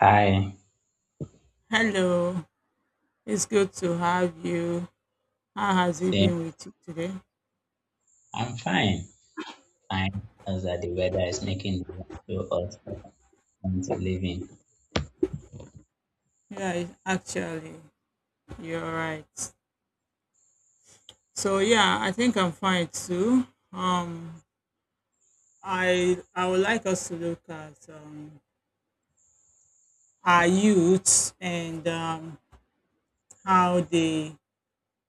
Hi, Hello, it's good to have you. How has it same. been with you today? I'm fine. Fine. As that the weather is making it so hot for me to live in. Yeah, actually, you're right. So yeah, I think I'm fine too. Um, I would like us to look at our youths and how they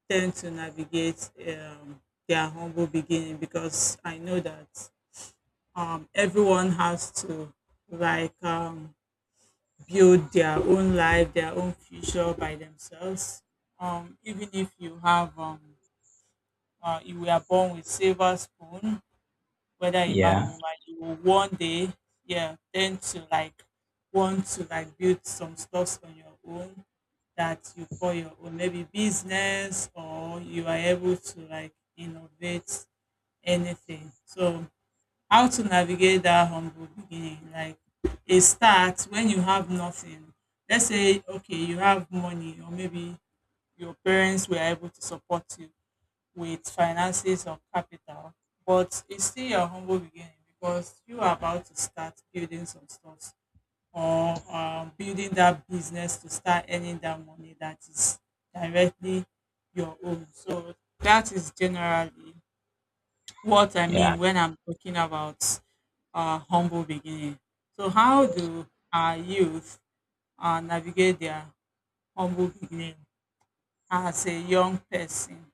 tend to navigate their humble beginning because I know that everyone has to like build their own life, their own future by themselves. Even if you have, you were born with silver spoon, whether a man or Yeah, woman, you will one day, yeah, tend to like want to like build some stuffs on your own that you call your own, maybe business, or you are able to like innovate anything. So how to navigate that humble beginning like it starts when you have nothing. Let's say okay, you have money, or maybe your parents were able to support you with finances or capital, but it's still your humble beginning because you are about to start building some stuff or building that business to start earning that money that is directly your own. So that is generally what I mean yeah, when I'm talking about humble beginning. So, how do our youth navigate their humble beginning as a young person?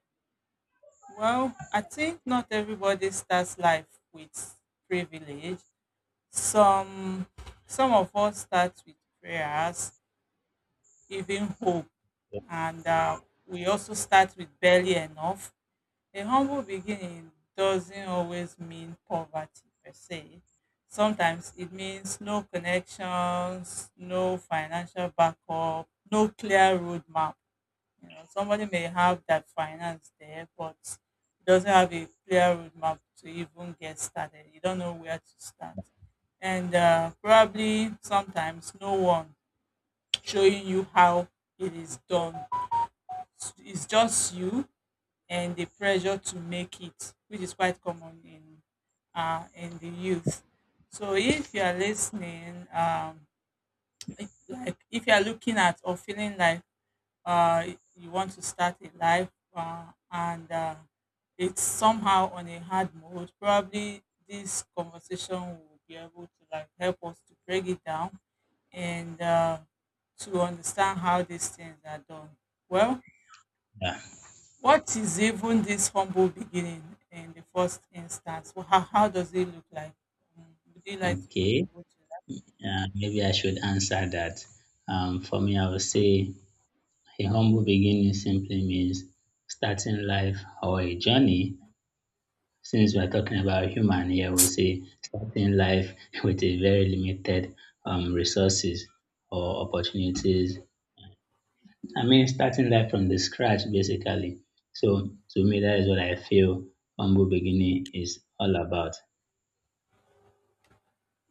Well, I think not everybody starts life with privilege. Some, some of us start with prayers, even hope, and we also start with barely enough. A humble beginning doesn't always mean poverty per se. Sometimes it means no connections, no financial backup, no clear roadmap. You know, somebody may have that finance there, but doesn't have a clear roadmap to even get started. You don't know where to start. And probably sometimes no one showing you how it is done. It's just you and the pressure to make it, which is quite common in in the youth. So if you are listening, like if you are looking at or feeling like uh, you want to start a life and it's somehow on a hard mode, probably this conversation will be able to like help us to break it down and to understand how these things are done. Well, yeah. what is even this humble beginning in the first instance? Well, how does it look like? Um, would you like to Okay. contribute to Maybe I should answer that. For me, I would say a humble beginning simply means starting life or a journey. Since we're talking about human here, we'll say starting life with a very limited resources or opportunities. I mean, starting life from the scratch, basically. So to me, that is what I feel humble beginning is all about.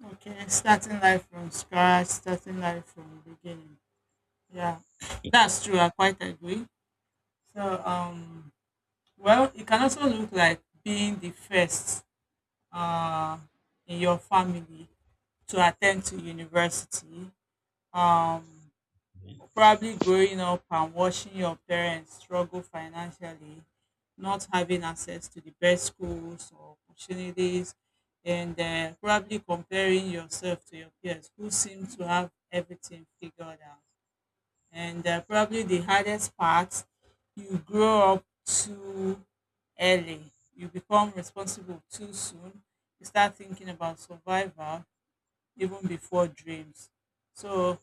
that? Okay, starting life from scratch, starting life from the beginning. Yeah. Yeah, That's true. I quite agree. So, well, it can also look like being the first uh, in your family to attend to university. Um, Probably growing up and watching your parents struggle financially, not having access to the best schools or opportunities, and probably comparing yourself to your peers who seem to have everything figured out. And probably the hardest part, you grow up too early. You become responsible too soon. You start thinking about survival even before dreams. So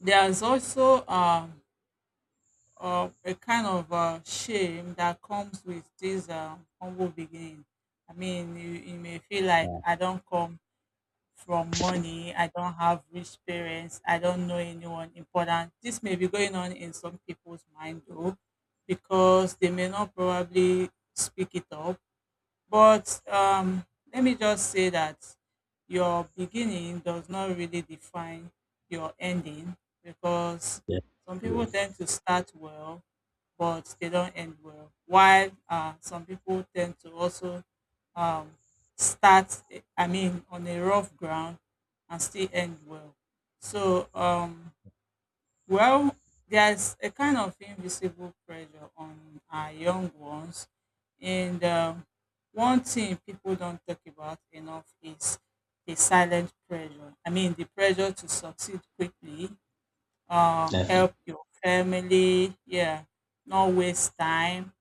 there's also or a kind of shame that comes with this humble beginning. I mean, you may feel like I don't come from money, I don't have rich parents, I don't know anyone important. This may be going on in some people's mind though, because they may not probably speak it up. But let me just say that your beginning does not really define your ending, because yeah, some people yeah, tend to start well but they don't end well. While some people tend to also um, start, I mean, on a rough ground and still end well. So, well, there's a kind of invisible pressure on our young ones. And one thing people don't talk about enough is the silent pressure. I mean, the pressure to succeed quickly, definitely. help your family, yeah, not waste time,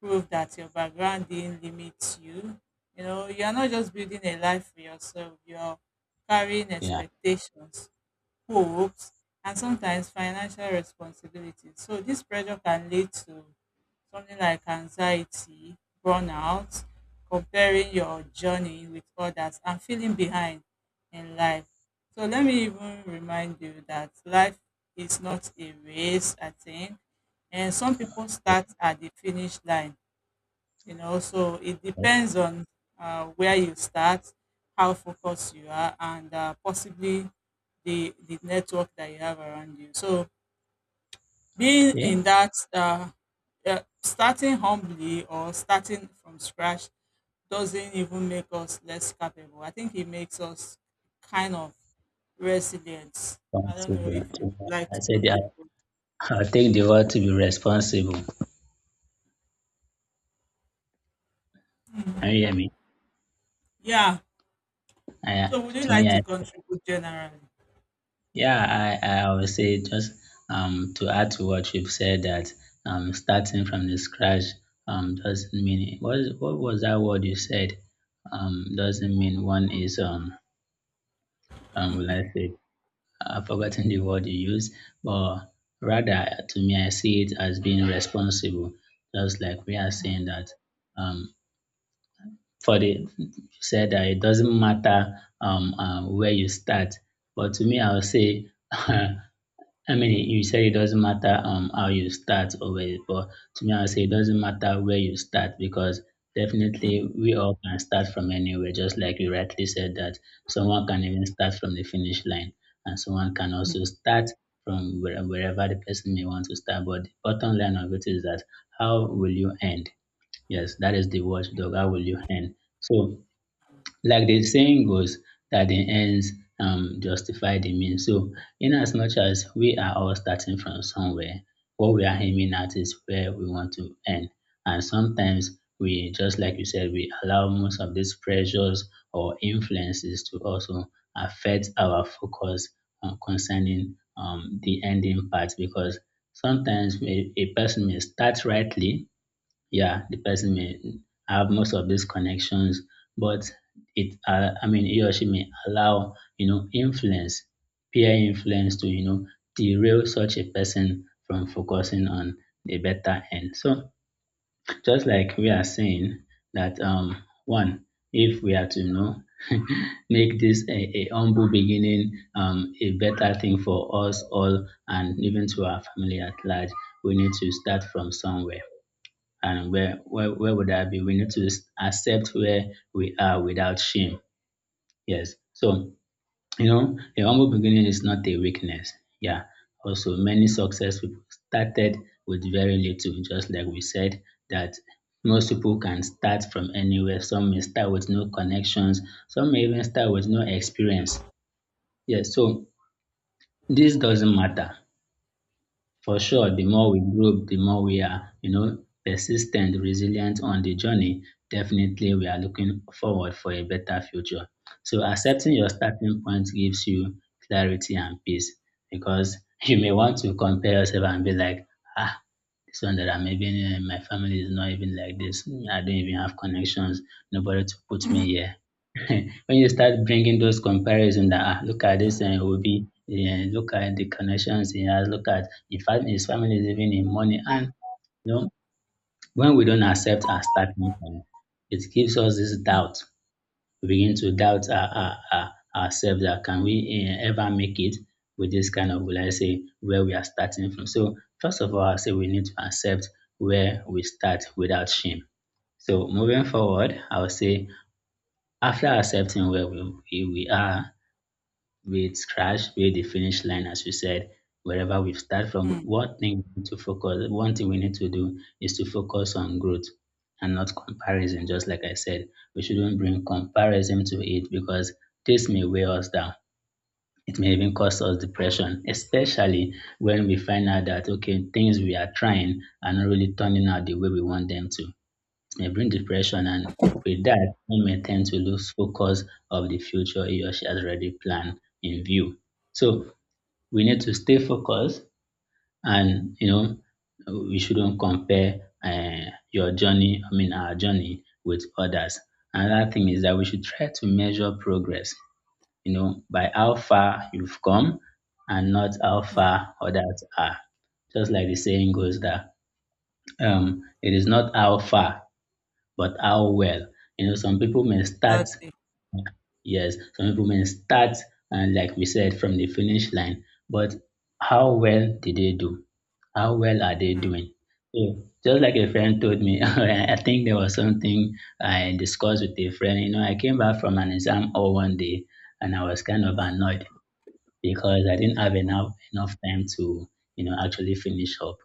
prove that your background didn't limit you. You know, you're not just building a life for yourself, you're carrying Yeah. expectations, hopes, and sometimes financial responsibilities. So this pressure can lead to something like anxiety, burnout, comparing your journey with others and feeling behind in life. So let me even remind you that life is not a race, I think. And some people start at the finish line, you know, so it Okay. depends on where you start, how focused you are, and possibly the network that you have around you. So being in that starting humbly or starting from scratch doesn't even make us less capable. I think it makes us kind of resilient. I don't know if you would Responsible. like I to said, yeah, contribute. I'll take the word to be responsible. Can you hear me? Yeah, I, so would you to me, like to I, contribute generally? yeah, I would say just to add to what you've said that starting from the scratch doesn't mean what is, what was that word you said, doesn't mean one is will I say, I've forgotten the word you used, but rather to me I see it as being responsible, just like we are Mm, saying that, um, for the, you said that it doesn't matter where you start, but to me I would say. I mean, you said it doesn't matter how you start or where, but to me, I would say it doesn't matter where you start because mm, definitely we all can start from anywhere. Just like you rightly said that someone can even start from the finish line, and someone can also mm. start from where, wherever the person may want to start. But the bottom line of it is that how will you end? Yes, that is the watchdog. How will you end? So like the saying goes that the ends justify the means. So, in as much as we are all starting from somewhere, what we are aiming at is where we want to end. And sometimes we, just like you said, we allow most of these pressures or influences to also affect our focus, concerning the ending part, because sometimes a person may start rightly, yeah, the person may have most of these connections, but I mean, he or she may allow, you know, influence, peer influence to, you know, derail such a person from focusing on the better end. So just like we are saying that, one, if we are to, you know, make this a humble beginning, a better thing for us all and even to our family at large, we need to start from somewhere and where would that be? We need to accept where we are without shame. Yes. So you know, a humble beginning is not a weakness. Yeah. Also, many success people started with very little, just like we said that most people can start from anywhere. Some may start with no connections. Some may even start with no experience. Yes. So this doesn't matter. For Yeah. sure, the more we grow, the more we are, you know, persistent, resilient on the journey. Definitely, we are looking forward for a better future. So, accepting your starting point gives you clarity and peace because you may want to compare yourself and be like, ah, this one that I'm even in, my family is not even like this. I don't even have connections, nobody to put me here. When you start bringing those comparisons that ah, look at this and Obi, yeah, look at the connections he has, look at in fact his family is even in money and you know when we don't accept our starting point, it gives us this doubt. We begin to doubt ourselves that can we eh, ever make it with this kind of, will I say, where we are starting from. So first of all, I say we need to accept where we start without shame. So moving forward, I would say after accepting where we are, with scratch where the finish line, as you said, wherever we start from. Mm, What thing we need to focus, one thing we need to do is to focus on growth and not comparison. Just like I said, we shouldn't bring comparison to it because this may weigh us down. It may even cause us depression, especially when we find out that okay, things we are trying are not really turning out the way we want them to, may bring depression, and with that one may tend to lose focus of the future he or she has already planned in view. So we need to stay focused and you know we shouldn't compare your journey, I mean our journey with others. Another thing is that we should try to measure progress, you know, by how far you've come and not how mm. far others are. Just like the saying goes that, it is not how far but how well? You know, some people may start, Exactly. yes, some people may start, and like we said, from the finish line, but how well did they do? How well are they Mm, doing? So, just like a friend told me, I think there was something I discussed with a friend. You know, I came back from an exam all one day and I was kind of mm, annoyed because I didn't have mm, enough time to, you know, actually finish up.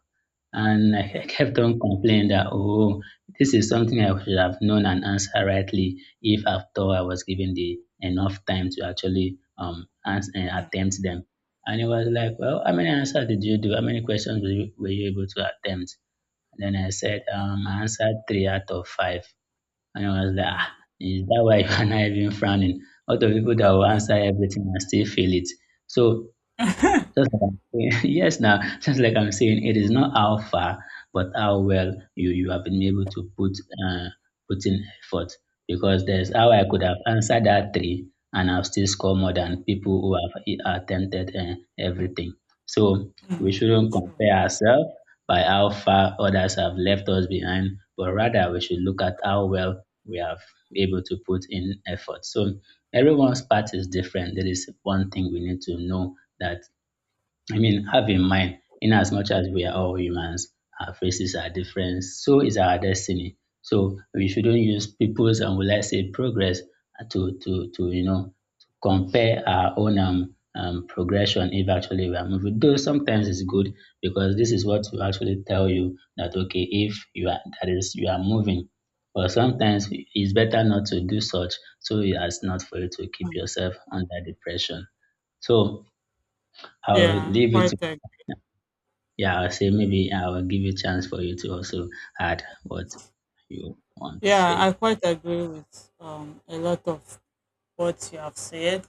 And I mm, kept on complaining that, oh, this is something I should have known and answered rightly if after I was given the enough time to actually attempt them. And it was like, well, how many answers did you do? How many questions were you able to attempt? And then I said, I answered three out of five. And he was like, ah, is that why you are not even frowning? Out of people that will answer everything and still fail it. So just like I'm saying, yes, now, just like I'm saying, it is not how far, but how well you have been able to put uh, put in effort. Because there's how I could have answered that three, and I'll still score more mm, than people who have attempted everything. So we mm. shouldn't True. compare ourselves by how far others have left us behind, but rather we should look at how well we have able to put in effort. So everyone's part is different. That is one thing we need to know, that I mean, have in mind, in as much as we are all humans, our faces are different, so is our destiny. So we shouldn't use people's and will I say progress to you know to compare our own progression if actually we are moving. Though sometimes it's good because this is what will actually tell you that okay, if you are that is you are moving. But sometimes it's better not to do such so as not for you to keep Mm. yourself under depression. So I'll Yeah, leave it, quite agree. yeah, I'll say maybe I'll give you a chance for you to also add what you want to Yeah, I say. quite agree with a lot of what you have said.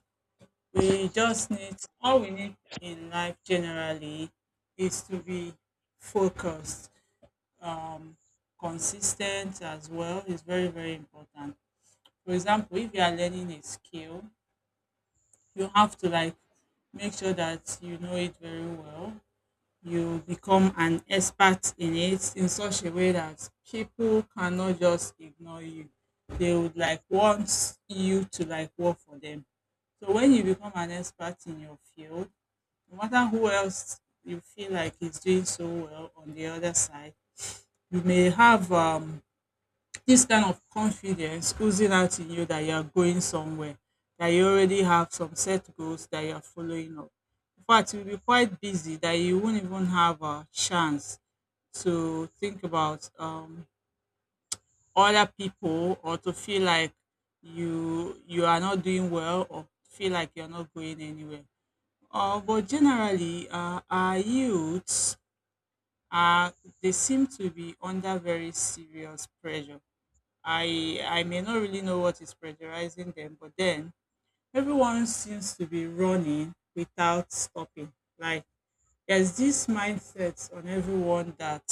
We just need, all we need in life generally is to be focused, um, consistent as well is very, very important. For example, if you are learning a skill, you have to like make sure that you know it very well. You become an expert in it in such a way that people cannot just ignore you. They would like want you to like work for them. So when you become an expert in your field, no matter who else you feel like is doing so well on the other side, you may have this kind of confidence oozing out in you that you're going somewhere, that you already have some set goals that you're following up. In fact, you'll be quite busy that you won't even have a chance to think about other people or to feel like you are not doing well or feel like you're not going anywhere. But generally, our youths are, they seem to be under very serious pressure. I may not really know what is pressurizing them, but then everyone seems to be running without stopping. Like there's this mindset on everyone that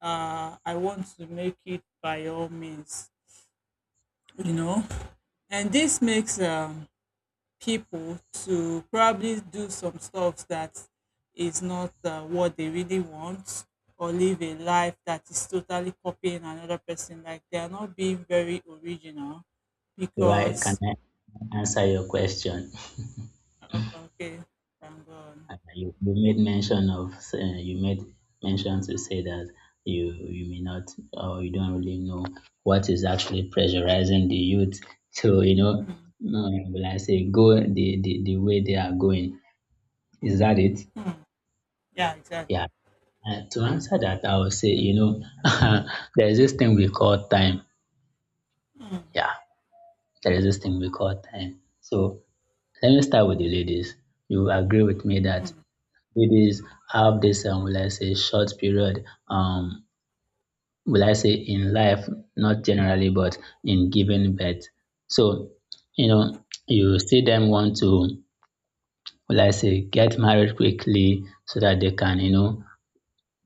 I want to make it by all means, you know. And this makes people to probably do some stuff that is not what they really want or live a life that is totally copying another person, like they are not being very original Do I can because I answer your question? Okay, I'm gone. You, you made mention of you made mention to say that you may not or you don't really know what is actually pressurizing the youth. So you know, Mm, no, will I say go the way they are going. Is that it? mm, yeah, exactly. Yeah. To answer that, I would say you know there is this thing we call time. Mm, Yeah, there is this thing we call time. So let me start with the ladies. You agree with me that mm. ladies have this, will I say, short period, will I say, in life, not generally, but in giving birth. So, you know, you see them want to, will I say, get married quickly so that they can, you know,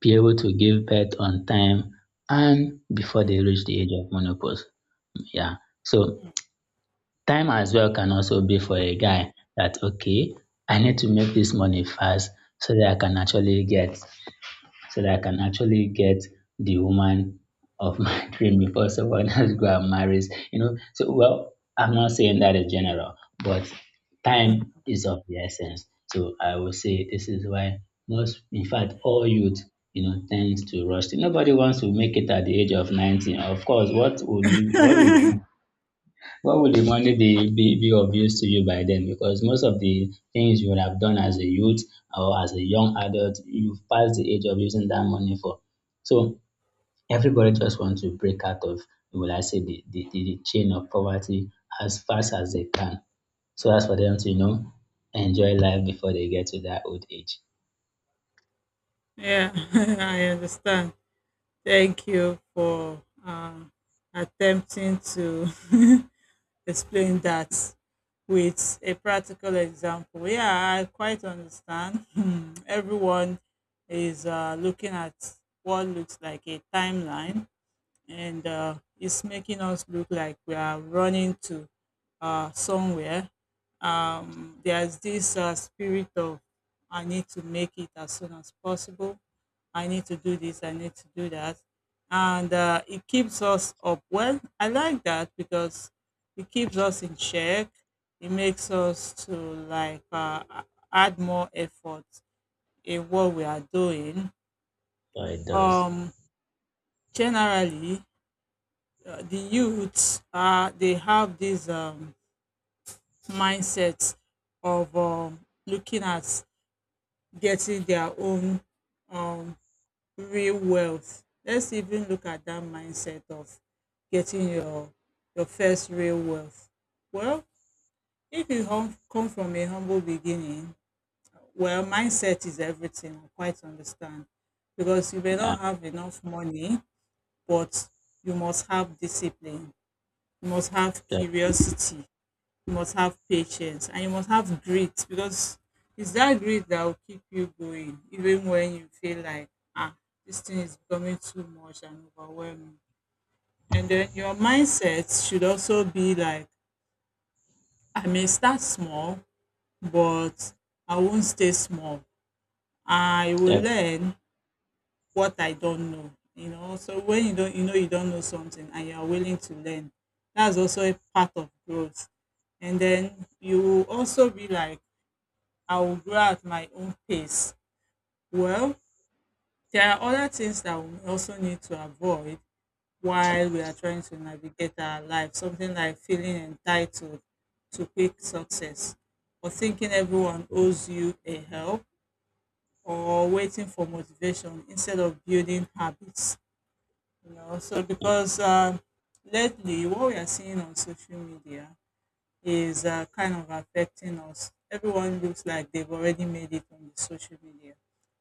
be able to give birth on time and before they reach the age of menopause. Yeah. So time as well can also be for a guy that okay, I need to make this money fast so that I can actually get, so that I can actually get the woman of my dream before someone else go and marries, you know. So well, I'm not saying that in general, but time is of the essence. So I would say this is why most, in fact all youth, you know, tends to rush. Nobody wants to make it at the age of 19. Of course, what will you what will what would the money be of use to you by then? Because most of the things you would have done as a youth or as a young adult, you've passed the age of using that money for. So everybody just wants to break out of, will I say, the chain of poverty as fast as they can. So as for them to, enjoy life before they get to that old age. Yeah. I understand. Thank you for attempting to explain that with a practical example. Yeah, I quite understand. Everyone is looking at what looks like a timeline, and it's making us look like we are running to somewhere. There's this spirit of I need to make it as soon as possible. I need to do this. I need to do that, and it keeps us up. Well, I like that because it keeps us in check. It makes us to like add more effort in what we are doing. So it does. Um, generally, the youths are, they have this mindset of looking at getting their own um, real wealth. Let's even look at that mindset of getting your first real wealth. Well, if you come from a humble beginning, well, mindset is everything. I quite understand because you may Yeah, not have enough money, but you must have discipline. You must have that, curiosity, you must have patience, and you must have grit because it's that grit that will keep you going even when you feel like, ah, this thing is becoming too much and overwhelming. And then your mindset should also be like, I may start small but I won't stay small. I will that, learn what I don't know. You know, so when you don't, you don't know something, and you are willing to learn, that's also a part of growth. And then you will also be like, I will grow at my own pace. Well, there are other things that we also need to avoid while we are trying to navigate our life, something like feeling entitled to quick success, or thinking everyone owes you a help, or waiting for motivation instead of building habits. You know, so because lately what we are seeing on social media is kind of affecting us. Everyone looks like they've already made it on the social media.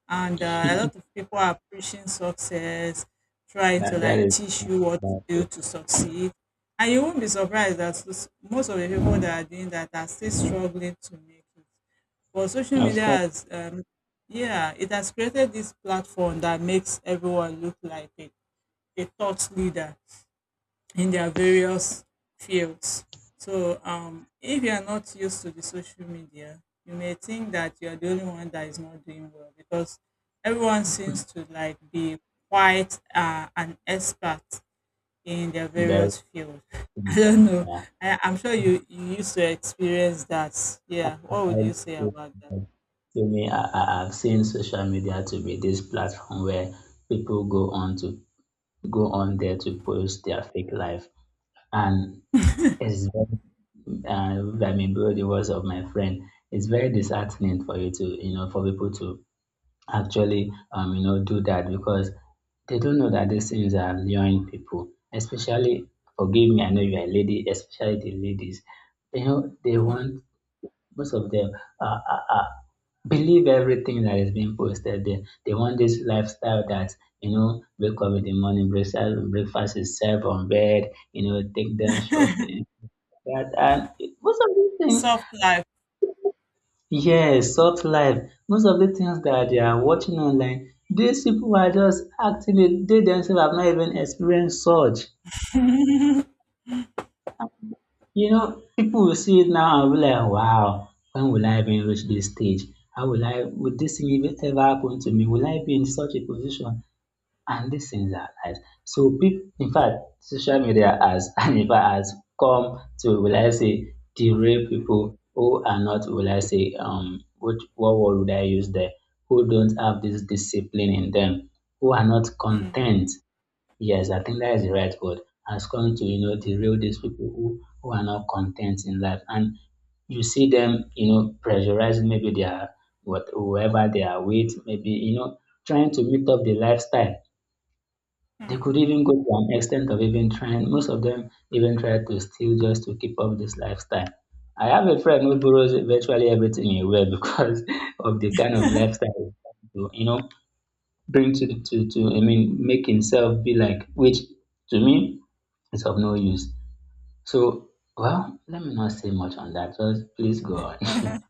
And a lot of people are preaching success, trying to that, that like is, teach you what to do to succeed. And you won't be surprised that most of the people that are doing that are still struggling to make it. But social of media course, has, yeah, it has created this platform that makes everyone look like a thought leader in their various fields. So if you are not used to the social media, you may think that you are the only one that is not doing well because everyone seems to like be quite an expert in their very, various field. I don't know. yeah. I'm sure you used to experience that. I, Yeah. What would you say I- about that? To me, I have seen social media to be this platform where people go on there to post their fake life, and it's very, I mean, below the words of my friend, it's very disheartening for you to for people to actually do that because they don't know that these things are luring people, especially forgive me, I know you are a lady, especially the ladies. You know, they want most of them are, are, believe everything that is being posted there. They want this lifestyle that, you know, wake up in the morning, breakfast is served on bed, you know, take them Hmm. shopping. Most of these things, Soft life. yes, soft life, most of the things that they are watching online, these people are just actually, they themselves have not even experienced such. You know, people will see it now and be like, wow, when will I even reach this stage? Will this thing even ever happen to me? Will I be in such a position? And these things are lies. So people, in fact, social media has and in fact has come to, will I say, derail people who are not, will I say, what word would I use there, who don't have this discipline in them, who are not Hmm. content. Yes, I think that is the right word. Has come to, you know, derail these people who are not content in life, and you see them, you know, pressurizing maybe their what whoever they are with, maybe, you know, trying to meet up the lifestyle. They could even go to an extent of even trying, most of them even try to steal just to keep up this lifestyle. I have a friend who borrows virtually everything he wears because of the kind of lifestyle he's trying to, you know, bring to, the- to, I mean, make himself be like, which to me is of no use. So, well, let me not say much on that. Just please go Hmm. on.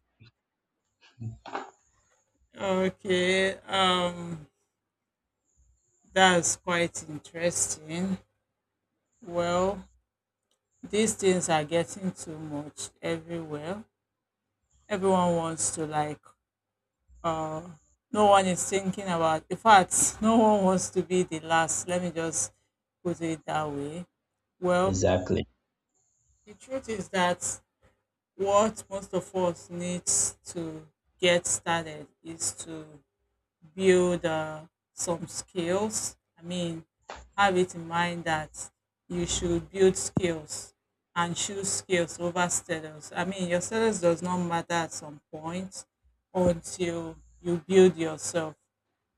Okay. That's quite interesting. Well, these things are getting too much everywhere. Everyone wants to like uh no one is thinking about. In fact, no one wants to be the last. Let me just put it that way. Well, Exactly. the truth is that what most of us needs to get started is to build some skills. I mean, have it in mind that you should build skills and choose skills over status. I mean, your status does not matter at some point until you build yourself.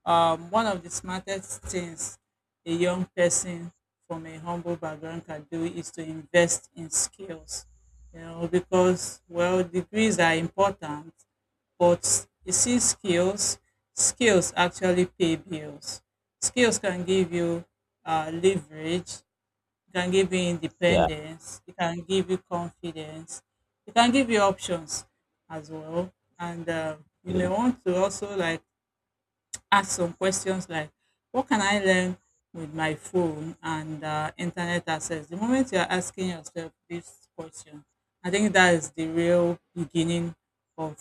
One of the smartest things a young person from a humble background can do is to invest in skills, you know, because, well, degrees are important, but you see, skills actually pay bills. Skills can give you leverage, it can give you Yeah. independence, it can give you confidence, it can give you options as well. And You may Yeah. want to also like ask some questions like what can I learn with my phone and internet access? The moment you're asking yourself this question, I think that is the real beginning of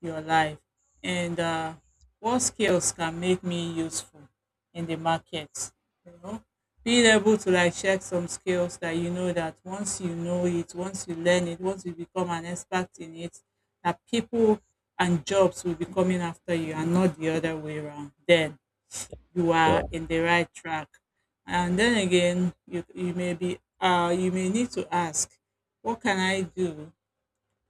your life. And What skills can make me useful in the market? You know, being able to like check some skills that you know that once you know it, once you learn it, once you become an expert in it, that people and jobs will be coming after you and not the other way around, then you are Sure. in the right track. And then again, you may be you may need to ask, what can I do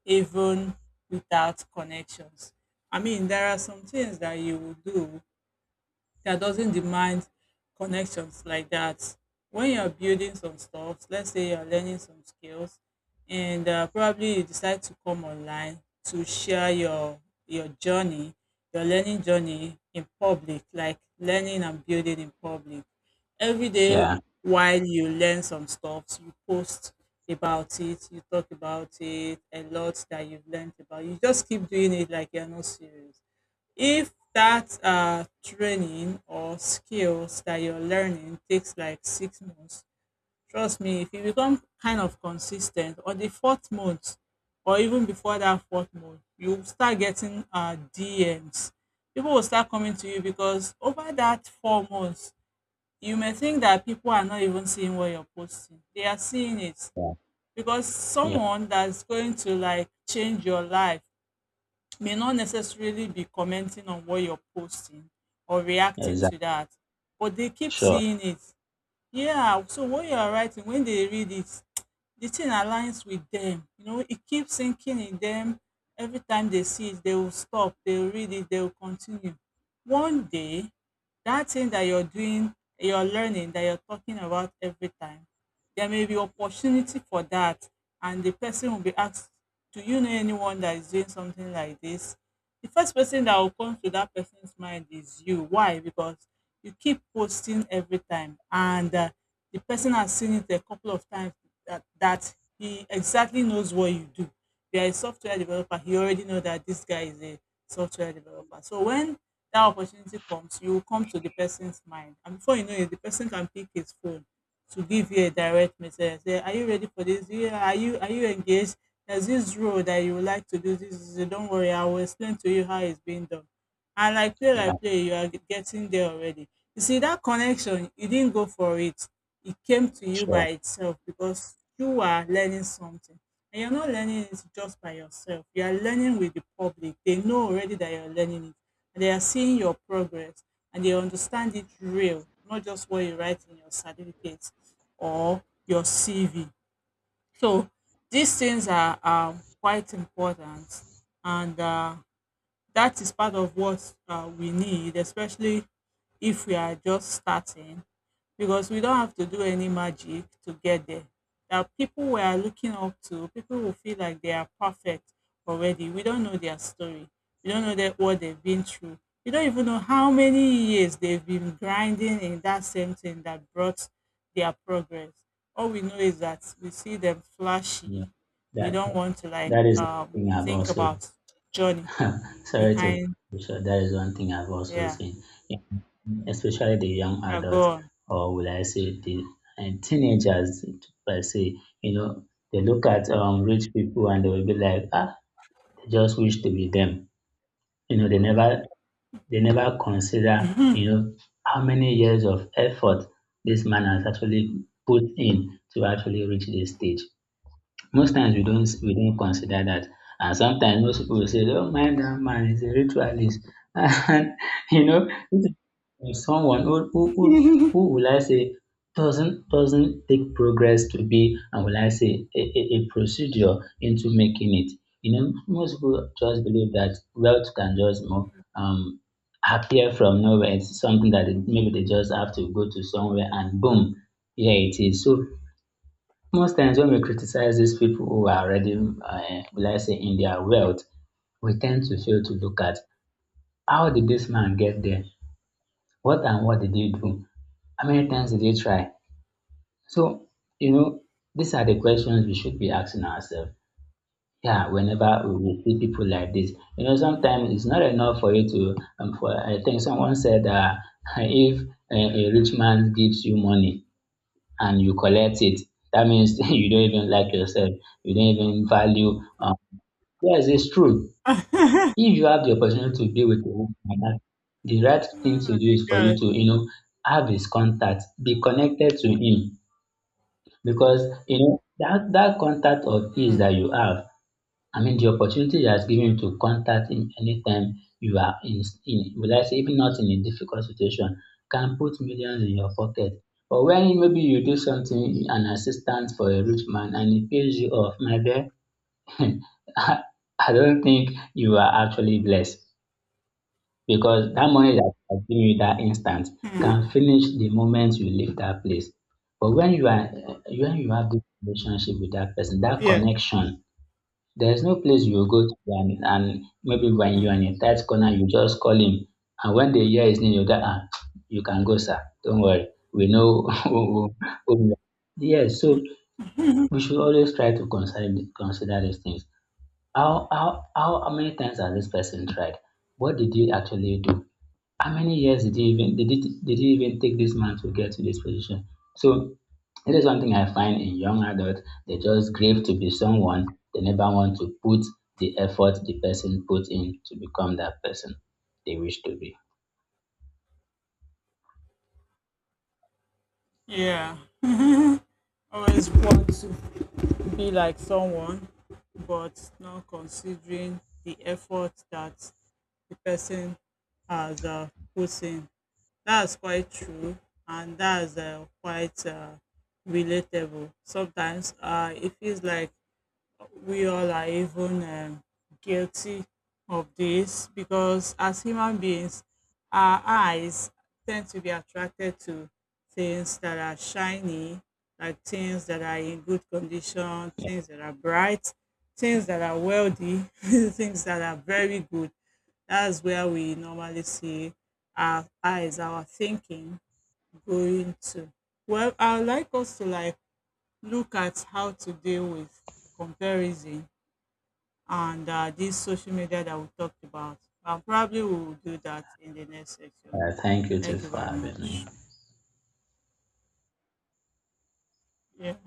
even without connections? I mean, there are some things that you will do that doesn't demand connections like that. When you're building some stuff, let's say you're learning some skills, and probably you decide to come online to share your journey, your learning journey in public, like learning and building in public. Every day Yeah. while you learn some stuff, you post about it, you talk about it, a lot that you've learned about. You just keep doing it like you're not serious if that training or skills that you're learning takes like 6 months, trust me, if you become kind of consistent or the fourth month, or even before that fourth month, you will start getting DMs. People will start coming to you because over that 4 months, you may think that people are not even seeing what you're posting. They are seeing it Yeah. because Yeah. someone that's going to like change your life may not necessarily be commenting on what you're posting or reacting to Exactly. that, but they keep Sure. seeing it. Yeah, so what you are writing, when they read it, the thing aligns with them. You know, it keeps sinking in them. Every time they see it, they will stop, they'll read it, they'll continue. One day, that thing that you're doing, you're learning, that you're talking about every time, there may be opportunity for that. And the person will be asked, do you know anyone that is doing something like this? The first person that will come to that person's mind is you. Why? Because you keep posting every time, and the person has seen it a couple of times that, that he exactly knows what you do. If you're a software developer, he already know that this guy is a software developer. So when that opportunity comes, you will come to the person's mind, and before you know it, the person can pick his phone to give you a direct message say, are you ready for this? Yeah, are you engaged? There's this role that you would like to do. This is don't worry, I will explain to you how it's being done. And Yeah. like play, you are getting there already. You see that connection, you didn't go for it. It came to you by Sure. itself because you are learning something. And you're not learning it just by yourself. You are learning with the public. They know already that you're learning it and they are seeing your progress and they understand it real, not just what you write in your certificate or your CV. So these things are quite important and that is part of what we need, especially if we are just starting, because we don't have to do any magic to get there. There are people we are looking up to, people who feel like they are perfect already. We don't know their story. We don't know that what they've been through. We don't even know how many years they've been grinding in that same thing that brought their progress. All we know is that we see them Yeah, flashy. We that don't want to like that is one thing I've think also about journey sorry to, behind. so that is one thing I've also Yeah. seen, yeah, especially the young Yeah. Go adults, on. or will I say the and teenagers per se, you know, they look at rich people and they will be like, ah, they just wish to be them. You know, they never consider, you know, how many years of effort this man has actually put in to actually reach this stage. Most times we don't consider that, and sometimes most people will say, "Don't mind that man, he's a ritualist." And you know, if it's someone who will I say doesn't take progress to be, and will I say a procedure into making it. You know, most people just believe that wealth can just, you know, appear from nowhere. It's something that they- maybe they just have to go to somewhere and boom, here it is. So most times when we criticize these people who are already, will I say, in their wealth, we tend to fail to look at, how did this man get there? What and what did he do? How many times did he try? So, you know, these are the questions we should be asking ourselves. Yeah, whenever we see people like this, you know, sometimes it's not enough for you to. For I think someone said if a rich man gives you money, and you collect it, that means you don't even like yourself. You don't even value. Yes, it's true. Oh If you have the opportunity to be with a woman like that, the right thing my to do is for God. you to, you know, have his contact, be connected to him, because you know that that contact of his Mm, that you have, I mean, the opportunity that's given to contact him anytime you are in, will I say, even not in a difficult situation, can put millions in your pocket. But when maybe you do something, an assistant for a rich man, and he pays you off, my dear, I, I don't think you are actually blessed because that money that has given you that instant can mm, finish the moment you leave that place. But when you have this relationship with that person, that yes. connection, there is no place you will go to and maybe when you're in a tight corner, you just call him. And when they hear his name, you get, ah, you can go, sir. Don't worry. We know who you are." Yes, so Mm. we should always consider these things. How many times has this person tried? What did he actually do? How many years did it did he even take this man to get to this position? So that is one thing I find in young adults. They just crave to be someone. They never want to put the effort the person put in to become that person they wish to be. Yeah. Always want to be like someone, but not considering the effort that the person has put in. That's quite true, and that's quite relatable. Sometimes it feels like we all are even guilty of this because as human beings, our eyes tend to be attracted to things that are shiny, like things that are in good condition, things that are bright, things that are wealthy, things that are very good. That's where we normally see our eyes, our thinking going to. Well, I'd like us to like look at how to deal with comparison and this social media that we talked about. And probably we will do that in the next section. Thank you too Thank you for very having me. much. Yeah.